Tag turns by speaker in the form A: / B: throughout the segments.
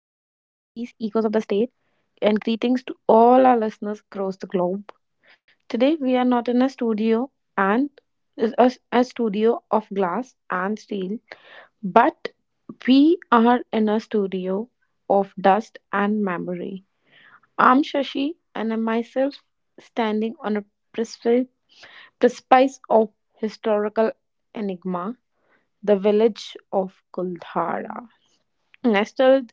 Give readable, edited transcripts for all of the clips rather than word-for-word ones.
A: Echoes of the State, and greetings to all our listeners across the globe. Today we are not in a studio and a studio of glass and steel, but we are in a studio of dust and memory. I'm Shashi, and I'm myself standing on a precipice precipice of historical enigma, the village of Kuldhara, nestled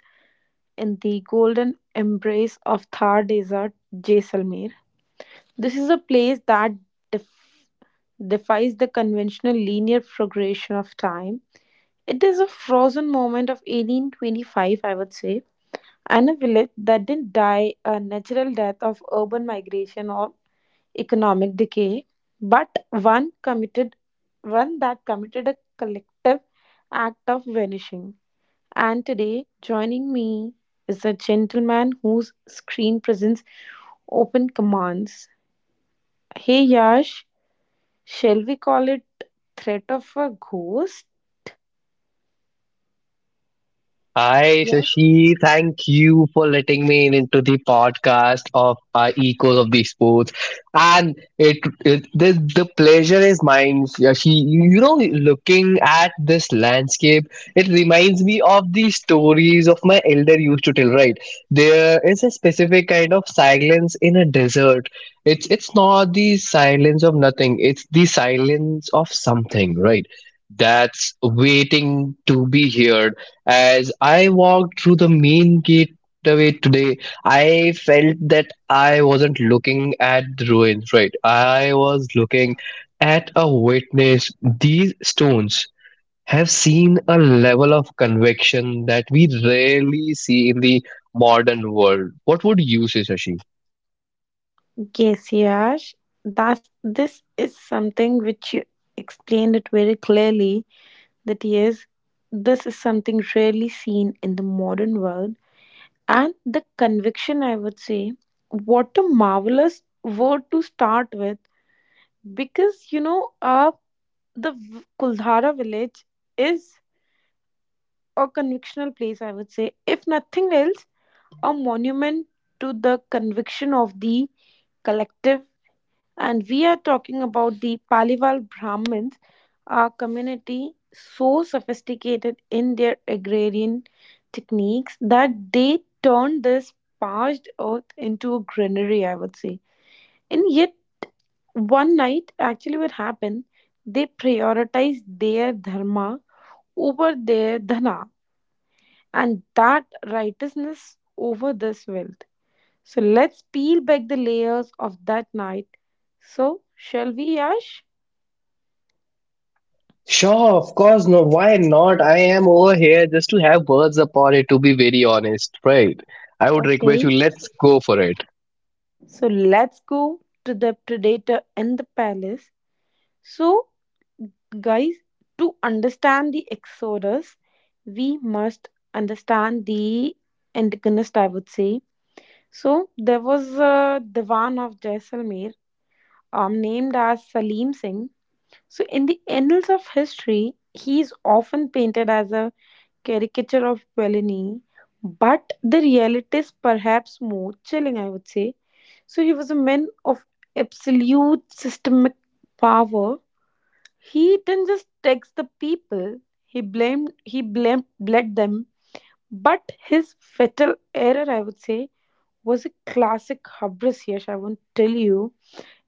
A: in the golden embrace of Thar Desert, Jaisalmer. This is a place that def- defies the conventional linear progression of time. It is a frozen moment of 1825, I would say, and a village that didn't die a natural death of urban migration or economic decay, but one that committed a collective act of vanishing. And today, joining me is a gentleman whose screen presence open commands. Hey Yash, shall we call it threat of a ghost?
B: Hi,
A: Yes.
B: Shashi. Thank you for letting me in into the podcast of Echoes of the Sports. And it the pleasure is mine, Shashi. You know, looking at this landscape, it reminds me of the stories of my elder used to tell, right? There is a specific kind of silence in a desert. It's not the silence of nothing, it's the silence of something, right? That's waiting to be heard as I walked through the main gateway today, I felt that I wasn't looking at the ruins, right? I was looking at a witness. These stones have seen a level of conviction that we rarely see in the modern world. What would you say, Shashi?
A: Yes, Yash. That's, this is something which you explained it very clearly, that yes, this is something rarely seen in the modern world. And the conviction, I would say, what a marvelous word to start with, because you know, the Kuldhara village is a convictional place, I would say. If nothing else, a monument to the conviction of the collective. And we are talking about the Palival Brahmins, a community so sophisticated in their agrarian techniques that they turned this parched earth into a granary, I would say. And yet, one night, actually, what happened, they prioritized their dharma over their dhana, and that righteousness over this wealth. So let's peel back the layers of that night. So, shall we, Yash?
B: Sure, of course, no, why not? I am over here just to have words upon it, to be very honest, right? I would request you,
A: Okay,
B: let's go for it.
A: so let's go to the predator and the palace. So, guys, to understand the Exodus, we must understand the antagonist, I would say. So, there was a Divan of Jaisalmer, named as Salim Singh. So, in the annals of history, he is often painted as a caricature of Bellini, but the reality is perhaps more chilling, I would say. So, he was a man of absolute systemic power. He didn't just tax the people, he bled them. But his fatal error, I would say, was a classic hubris. Yes, I won't tell you.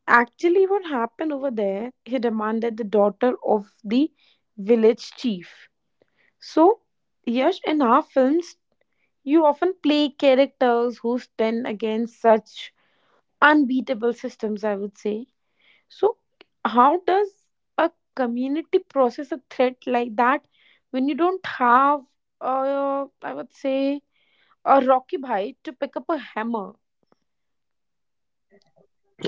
A: Actually, what happened over there, he demanded the daughter of the village chief. So, Yash, in our films, you often play characters who stand against such unbeatable systems, I would say. So, how does a community process a threat like that when you don't have, I would say, a Rocky Bhai to pick up a hammer?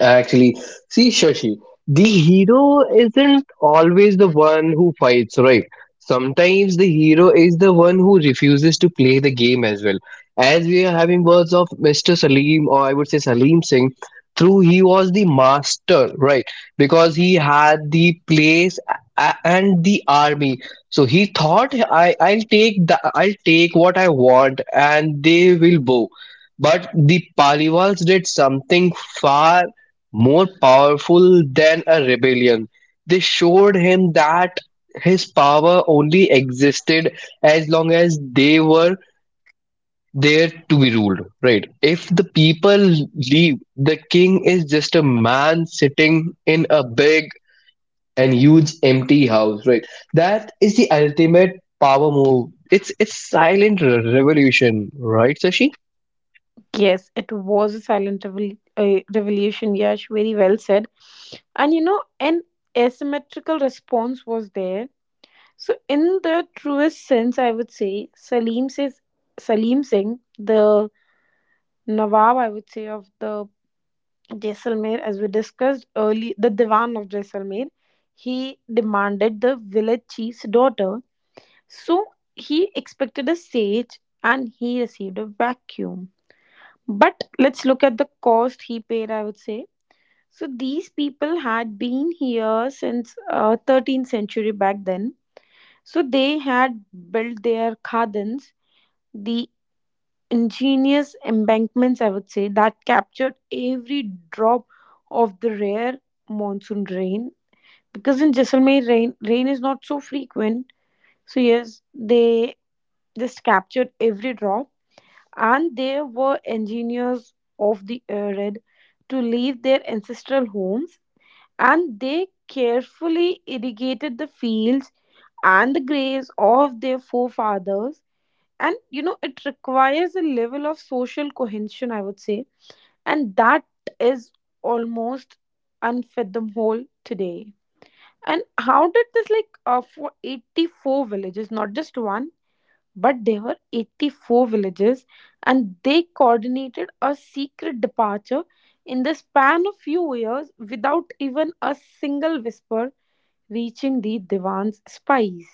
B: Actually, see, Shashi, the hero isn't always the one who fights, right? Sometimes the hero is the one who refuses to play the game as well. As we are having words of Mr. Salim, or I would say Salim Singh, through he was the master, right? Because he had the place and the army. So he thought, I'll take what I want, and they will bow. But the Paliwals did something far more powerful than a rebellion, they showed him that his power only existed as long as they were there to be ruled, right? If the people leave, the king is just a man sitting in a big and huge empty house, right? That is the ultimate power move. It's silent revolution, right, Sashi?
A: Yes, it was a silent revolution, Yash. Very well said. And you know, an asymmetrical response was there. So, in the truest sense, I would say Salim Singh, the Nawab, I would say, of the Jaisalmer, as we discussed early, the Diwan of Jaisalmer, he demanded the village chief's daughter. So, he expected a sage and he received a vacuum. But let's look at the cost he paid, I would say. So these people had been here since 13th century back then. So they had built their khadans, the ingenious embankments, I would say, that captured every drop of the rare monsoon rain. Because in Jaisalmer, rain is not so frequent. So yes, they just captured every drop, and they were engineers of the arid to leave their ancestral homes, and they carefully irrigated the fields and the graves of their forefathers. And you know, it requires a level of social cohesion, I would say, and that is almost unfathomable today. And how did this, like for 84 villages, not just one, but there were 84 villages, and they coordinated a secret departure in the span of few years without even a single whisper reaching the Divan's spies.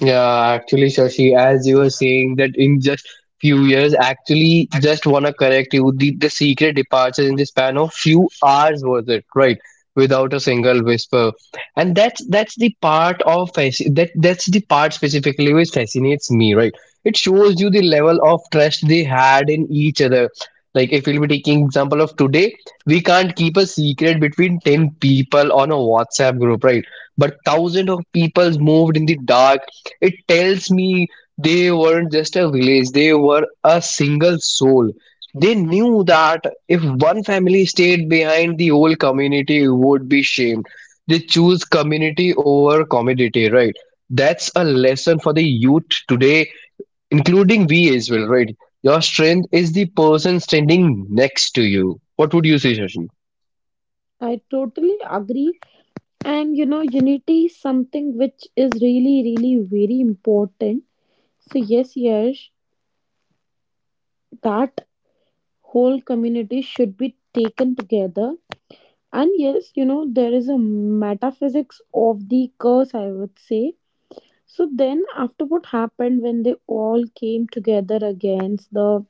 B: Yeah, actually, Shashi, as you were saying that in just few years, actually, just wanna correct you. The secret departure in the span of few hours was it, right? Without a single whisper, and that's the part of that's the part specifically which fascinates me, right? It shows you the level of trust they had in each other. Like if we'll be taking example of today, we can't keep a secret between ten people on a WhatsApp group, right? But thousands of people moved in the dark, it tells me they weren't just a village, they were a single soul. They knew that if one family stayed behind, the whole community would be shamed. They choose community over commodity, right? That's a lesson for the youth today, including we as well, right? Your strength is the person standing next to you. What would you say, Shashi?
A: I totally agree. And you know, unity is something which is really, really very important. So, yes, yes, that whole community should be taken together. And yes, you know, there is a metaphysics of the curse, I would say. So then, after what happened when they all came together against the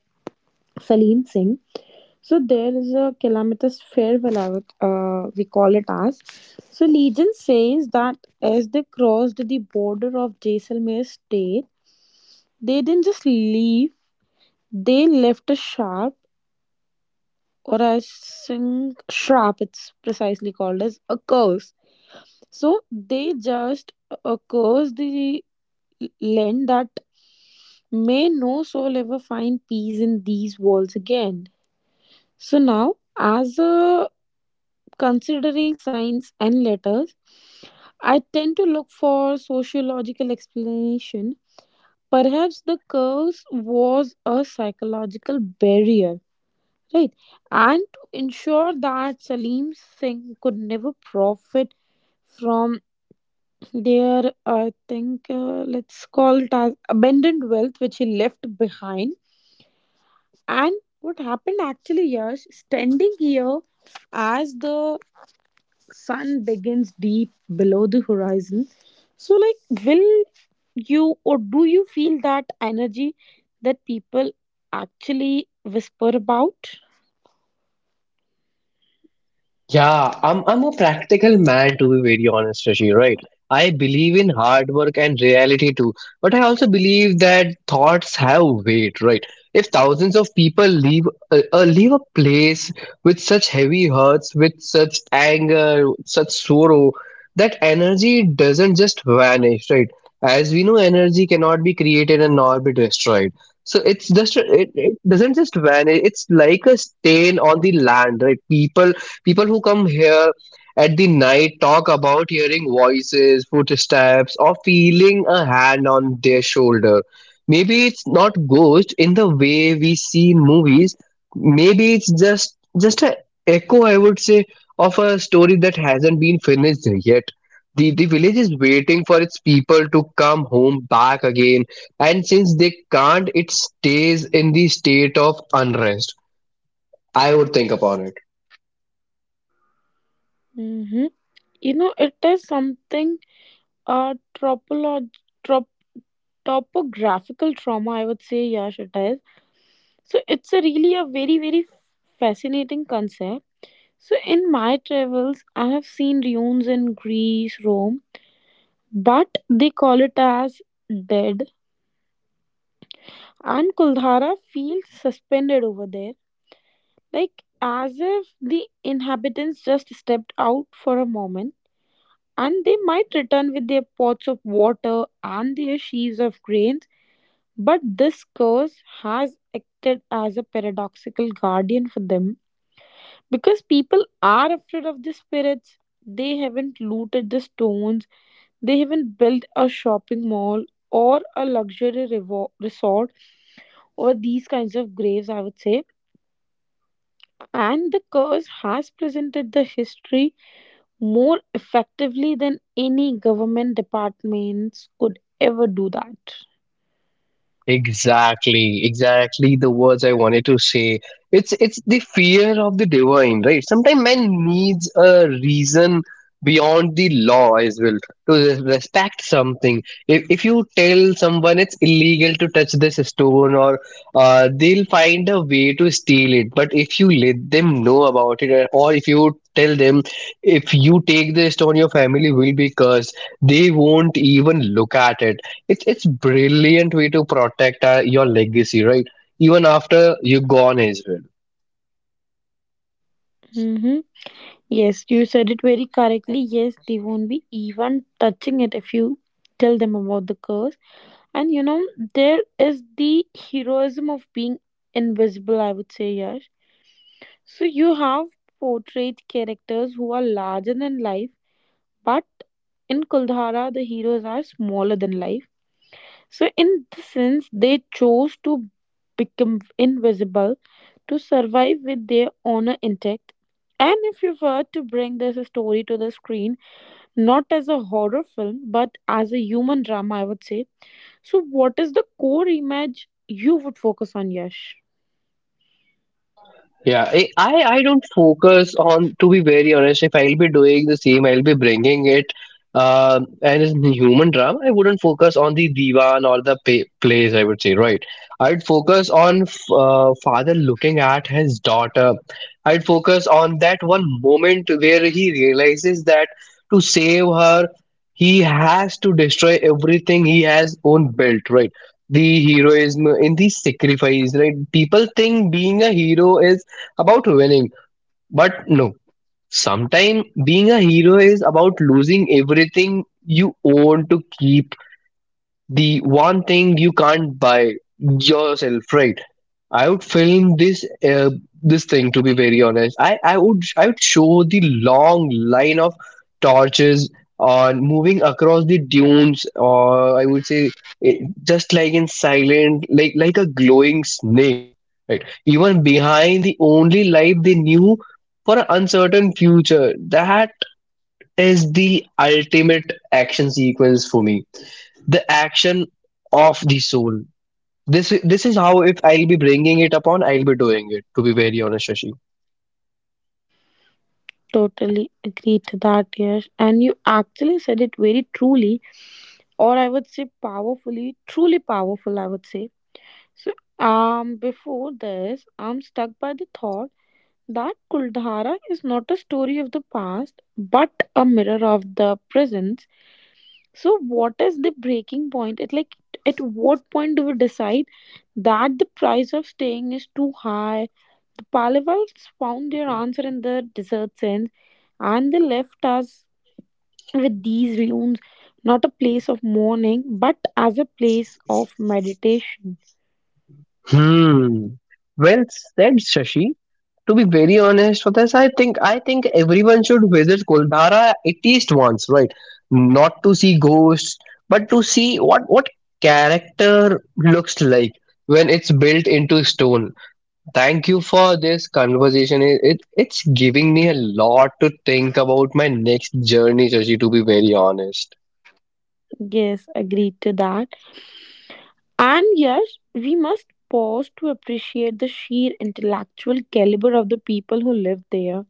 A: Salim Singh, so there is a calamitous farewell, we call it as. So Legion says that as they crossed the border of Jaisalmer state, they didn't just leave, they left a sharp, or I think shrap, it's precisely called as a curse. So they just cursed the land that may no soul ever find peace in these walls again. So now, as a considering signs and letters, I tend to look for sociological explanation. Perhaps the curse was a psychological barrier, right? And to ensure that Salim Singh could never profit from their, let's call it as abandoned wealth which he left behind. And what happened actually, Yash, standing here as the sun begins deep below the horizon. So, like, will you or do you feel that energy that people actually whisper about?
B: Yeah, I'm a practical man to be very honest with you, right? I believe in hard work and reality too, but I also believe that thoughts have weight, right? If thousands of people leave leave a place with such heavy hurts, with such anger, such sorrow, that energy doesn't just vanish, right? As we know, energy cannot be created and nor be destroyed. So it's just it doesn't just vanish. It's like a stain on the land, right? People who come here at the night talk about hearing voices, footsteps, or feeling a hand on their shoulder. Maybe it's not ghost in the way we see in movies. Maybe it's just a echo, I would say, of a story that hasn't been finished yet. The village is waiting for its people to come home back again, and since they can't, it stays in the state of unrest. I would think upon it.
A: Mm-hmm. You know, it is something, uh, tropolog- trop- topographical trauma, I would say, Yash, it is. So, it's a really a very, very fascinating concept. So, in my travels, I have seen ruins in Greece, Rome, but they call it as dead. And Kuldhara feels suspended over there, like as if the inhabitants just stepped out for a moment. And they might return with their pots of water and their sheaves of grains, but this curse has acted as a paradoxical guardian for them, because people are afraid of the spirits. They haven't looted the stones. They haven't built a shopping mall or a luxury resort over these kinds of graves, I would say. And the curse has presented the history more effectively than any government departments could ever do that.
B: Exactly, exactly the words I wanted to say. It's the fear of the divine, right? Sometimes man needs a reason beyond the law as well to respect something. If you tell someone it's illegal to touch this stone, or they'll find a way to steal it. But if you let them know about it, or if you tell them if you take this stone, your family will be cursed. They won't even look at it, it's brilliant way to protect your legacy, right, even after you gone as well.
A: Mm-hmm. Yes, you said it very correctly. Yes, they won't be even touching it if you tell them about the curse. And you know, there is the heroism of being invisible, I would say, Yash. So you have portrayed characters who are larger than life, but in Kuldhara, the heroes are smaller than life. So, in the sense, they chose to become invisible to survive with their honor intact. And if you were to bring this story to the screen, not as a horror film, but as a human drama, I would say, so, what is the core image you would focus on, Yash?
B: Yeah, I don't focus on. To be very honest, if I'll be doing the same, I'll be bringing it, and it's a human drama. I wouldn't focus on the divan or the pay, plays. I would say, right. I'd focus on father looking at his daughter. I'd focus on that one moment where he realizes that to save her, he has to destroy everything he has own built. Right. The heroism in the sacrifice, right? People think being a hero is about winning. But no, sometimes being a hero is about losing everything you own to keep the one thing you can't buy yourself, right? I would film this this thing to be very honest. I would show the long line of torches on moving across the dunes, or I would say it, just like in silent, like a glowing snake, right, even behind the only life they knew for an uncertain future, that is the ultimate action sequence for me, the action of the soul. This is how if I'll be bringing it upon, I'll be doing it. To be very honest, Shashi.
A: Totally agree to that, Yash. And you actually said it very truly, or I would say powerfully, truly powerful, I would say. So, before this, I'm stuck by the thought that Kuldhara is not a story of the past, but a mirror of the present. So, what is the breaking point? It like, at what point do we decide that the price of staying is too high. The Pallevals found their answer in the desert sands, and they left us with these ruins, not a place of mourning, but as a place of meditation.
B: Hmm. Well said, Shashi. To be very honest with us, I think everyone should visit Kuldhara at least once, right? Not to see ghosts, but to see what character looks like when it's built into stone. Thank you for this conversation. It's giving me a lot to think about my next journey, Shashi, to be very honest.
A: Yes, agreed to that. And yes, we must pause to appreciate the sheer intellectual caliber of the people who lived there.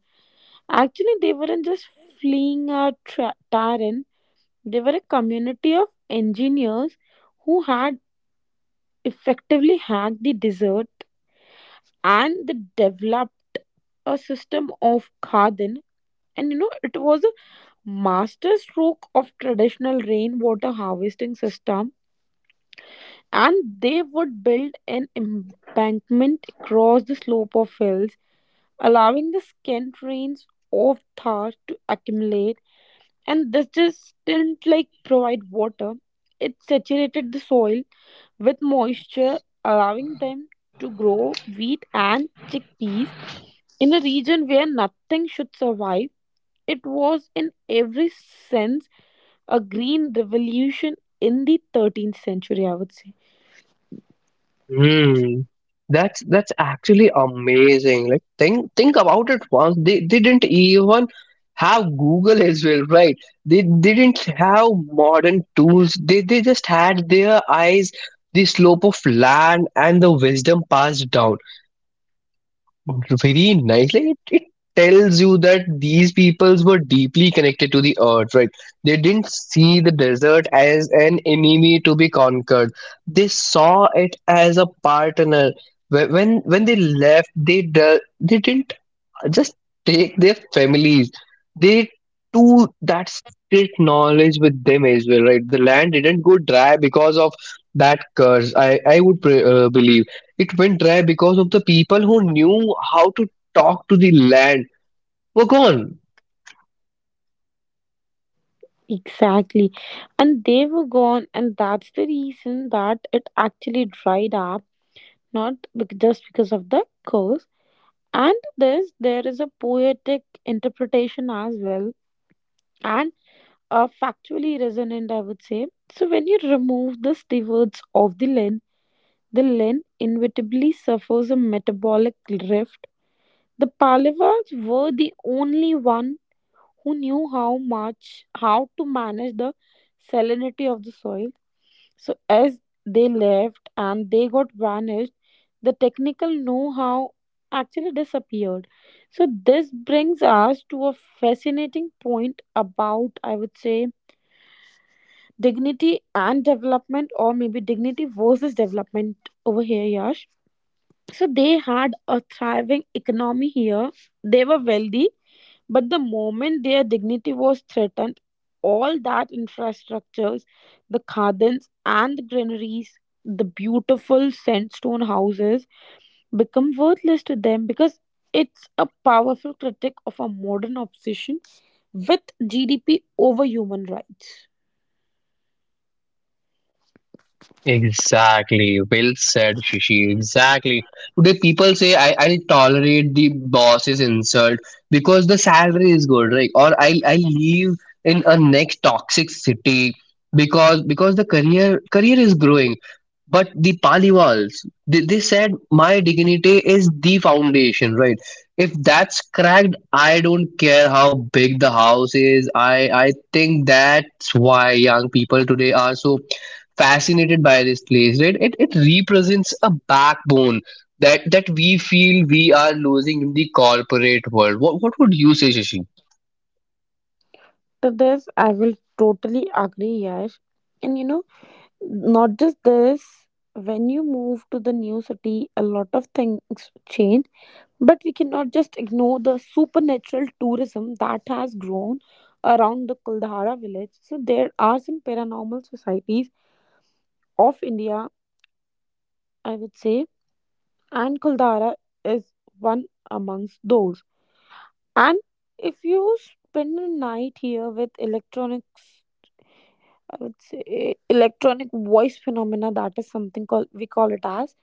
A: Actually, they weren't just fleeing a tyrant, they were a community of engineers who had effectively hacked the desert, and they developed a system of khadan. And you know, it was a master stroke of traditional rainwater harvesting system, and they would build an embankment across the slope of hills, allowing the scant rains of Thar to accumulate. And this just didn't like provide water, it saturated the soil with moisture, allowing them to grow wheat and chickpeas in a region where nothing should survive. It was, in every sense, a green revolution in the 13th century, I would say.
B: Hmm. That's actually amazing. Like think about it once. They didn't even have Google as well, right? They didn't have modern tools. They just had their eyes, the slope of land and the wisdom passed down. Very nicely, it tells you that these peoples were deeply connected to the earth, right? They didn't see the desert as an enemy to be conquered. They saw it as a partner. When they left, they didn't just take their families, they do that street knowledge with them as well, right? The land didn't go dry because of that curse. I would believe it went dry because of the people who knew how to talk to the land were gone.
A: Exactly. And they were gone, and that's the reason that it actually dried up, not bec- just because of the curse. And this, there is a poetic interpretation as well, and a factually resonant, I would say. So, when you remove the stewards of the lens inevitably suffers a metabolic rift. The Pallavas were the only one who knew how to manage the salinity of the soil. So as they left and they got vanished, the technical know-how actually disappeared. So this brings us to a fascinating point about, I would say, dignity and development, or maybe dignity versus development over here, Yash. So they had a thriving economy here. They were wealthy. But the moment their dignity was threatened, all that infrastructures, the khadans and the granaries, the beautiful sandstone houses become worthless to them, because it's a powerful critic of a modern obsession with GDP over human rights.
B: Exactly. Well said, Shishi. Exactly. Today people say I'll tolerate the boss's insult because the salary is good, right? Or I'll leave in a next toxic city because the career is growing. But the Paliwals, they said my dignity is the foundation, right? If that's cracked, I don't care how big the house is. I think that's why young people today are so fascinated by this place, right? It represents a backbone that we feel we are losing in the corporate world. What would you say, Shashi?
A: To this, I will totally agree, Yash. And you know, not just this, when you move to the new city, a lot of things change. But we cannot just ignore the supernatural tourism that has grown around the Kuldhara village. So there are some paranormal societies of India, I would say, and Kuldhara is one amongst those. And if you spend a night here with electronics, I would say electronic voice phenomena, that is something called, we call it as.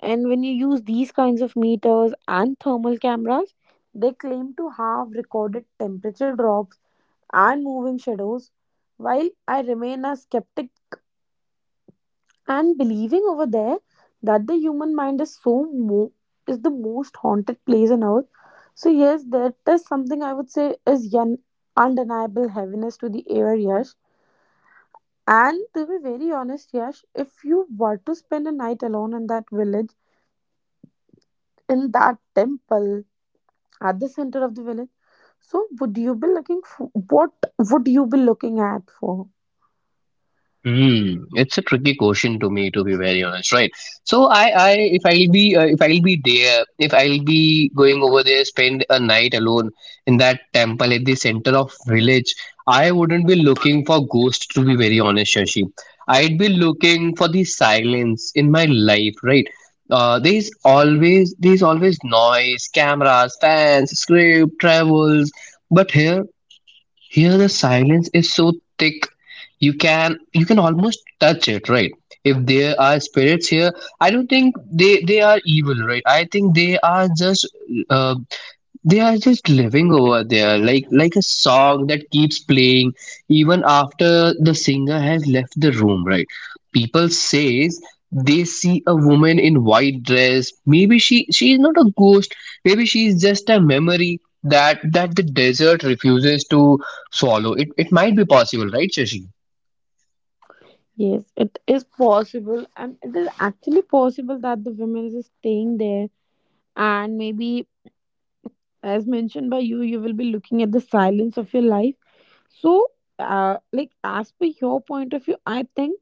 A: And when you use these kinds of meters and thermal cameras, they claim to have recorded temperature drops and moving shadows. While I remain a skeptic and believing over there that the human mind is so mo- is the most haunted place on earth. So yes, that is something I would say, is an undeniable heaviness to the air. Yes, and to be very honest, Yash, if you were to spend a night alone in that village, in that temple at the center of the village, so would you be looking at for?
B: Hmm, it's a tricky question to me, to be very honest, right? So if I'll be there, if I'll be going over there, spend a night alone in that temple at the center of village, I wouldn't be looking for ghosts, to be very honest, Shashi. I'd be looking for the silence in my life, right? There's always noise, cameras, fans, script, travels, but here, the silence is so thick you can almost touch it, right? If there are spirits here, I don't think they are evil, right? I think uh, they are just living over there, like a song that keeps playing even after the singer has left the room, right? People says they see a woman in white dress, maybe she is not a ghost, maybe she is just a memory that the desert refuses to swallow. It might be possible, right, Shashi?
A: Yes, it is possible, and it is actually possible that the women is staying there, and maybe as mentioned by you, you will be looking at the silence of your life. So, like as per your point of view, I think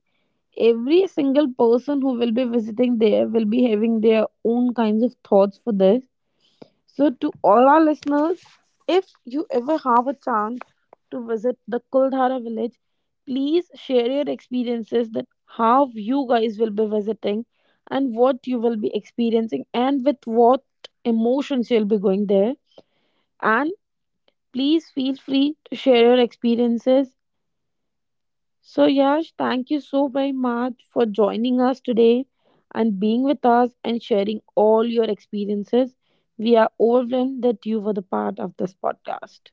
A: every single person who will be visiting there will be having their own kinds of thoughts for this. So, to all our listeners, if you ever have a chance to visit the Kuldhara village, please share your experiences, that how you guys will be visiting and what you will be experiencing and with what emotions you'll be going there. And please feel free to share your experiences. So, Yash, thank you so very much for joining us today and being with us and sharing all your experiences. We are overwhelmed that you were the part of this podcast.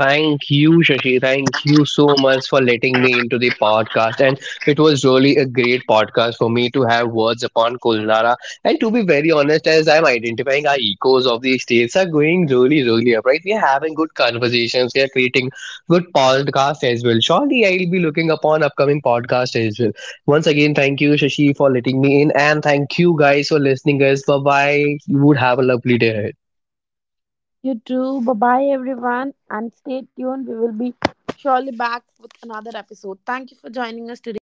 B: Thank you, Shashi. Thank you so much for letting me into the podcast. And it was really a great podcast for me to have words upon Kulnara. And to be very honest, as I'm identifying our echoes of these states are going really, really up, right? We are having good conversations. We are creating good podcasts as well. Surely I'll be looking upon upcoming podcast as well. Once again, thank you, Shashi, for letting me in. And thank you guys for listening us. Bye-bye. You would have a lovely day ahead.
A: You too. Bye bye, everyone. And stay tuned. We will be surely back with another episode. Thank you for joining us today.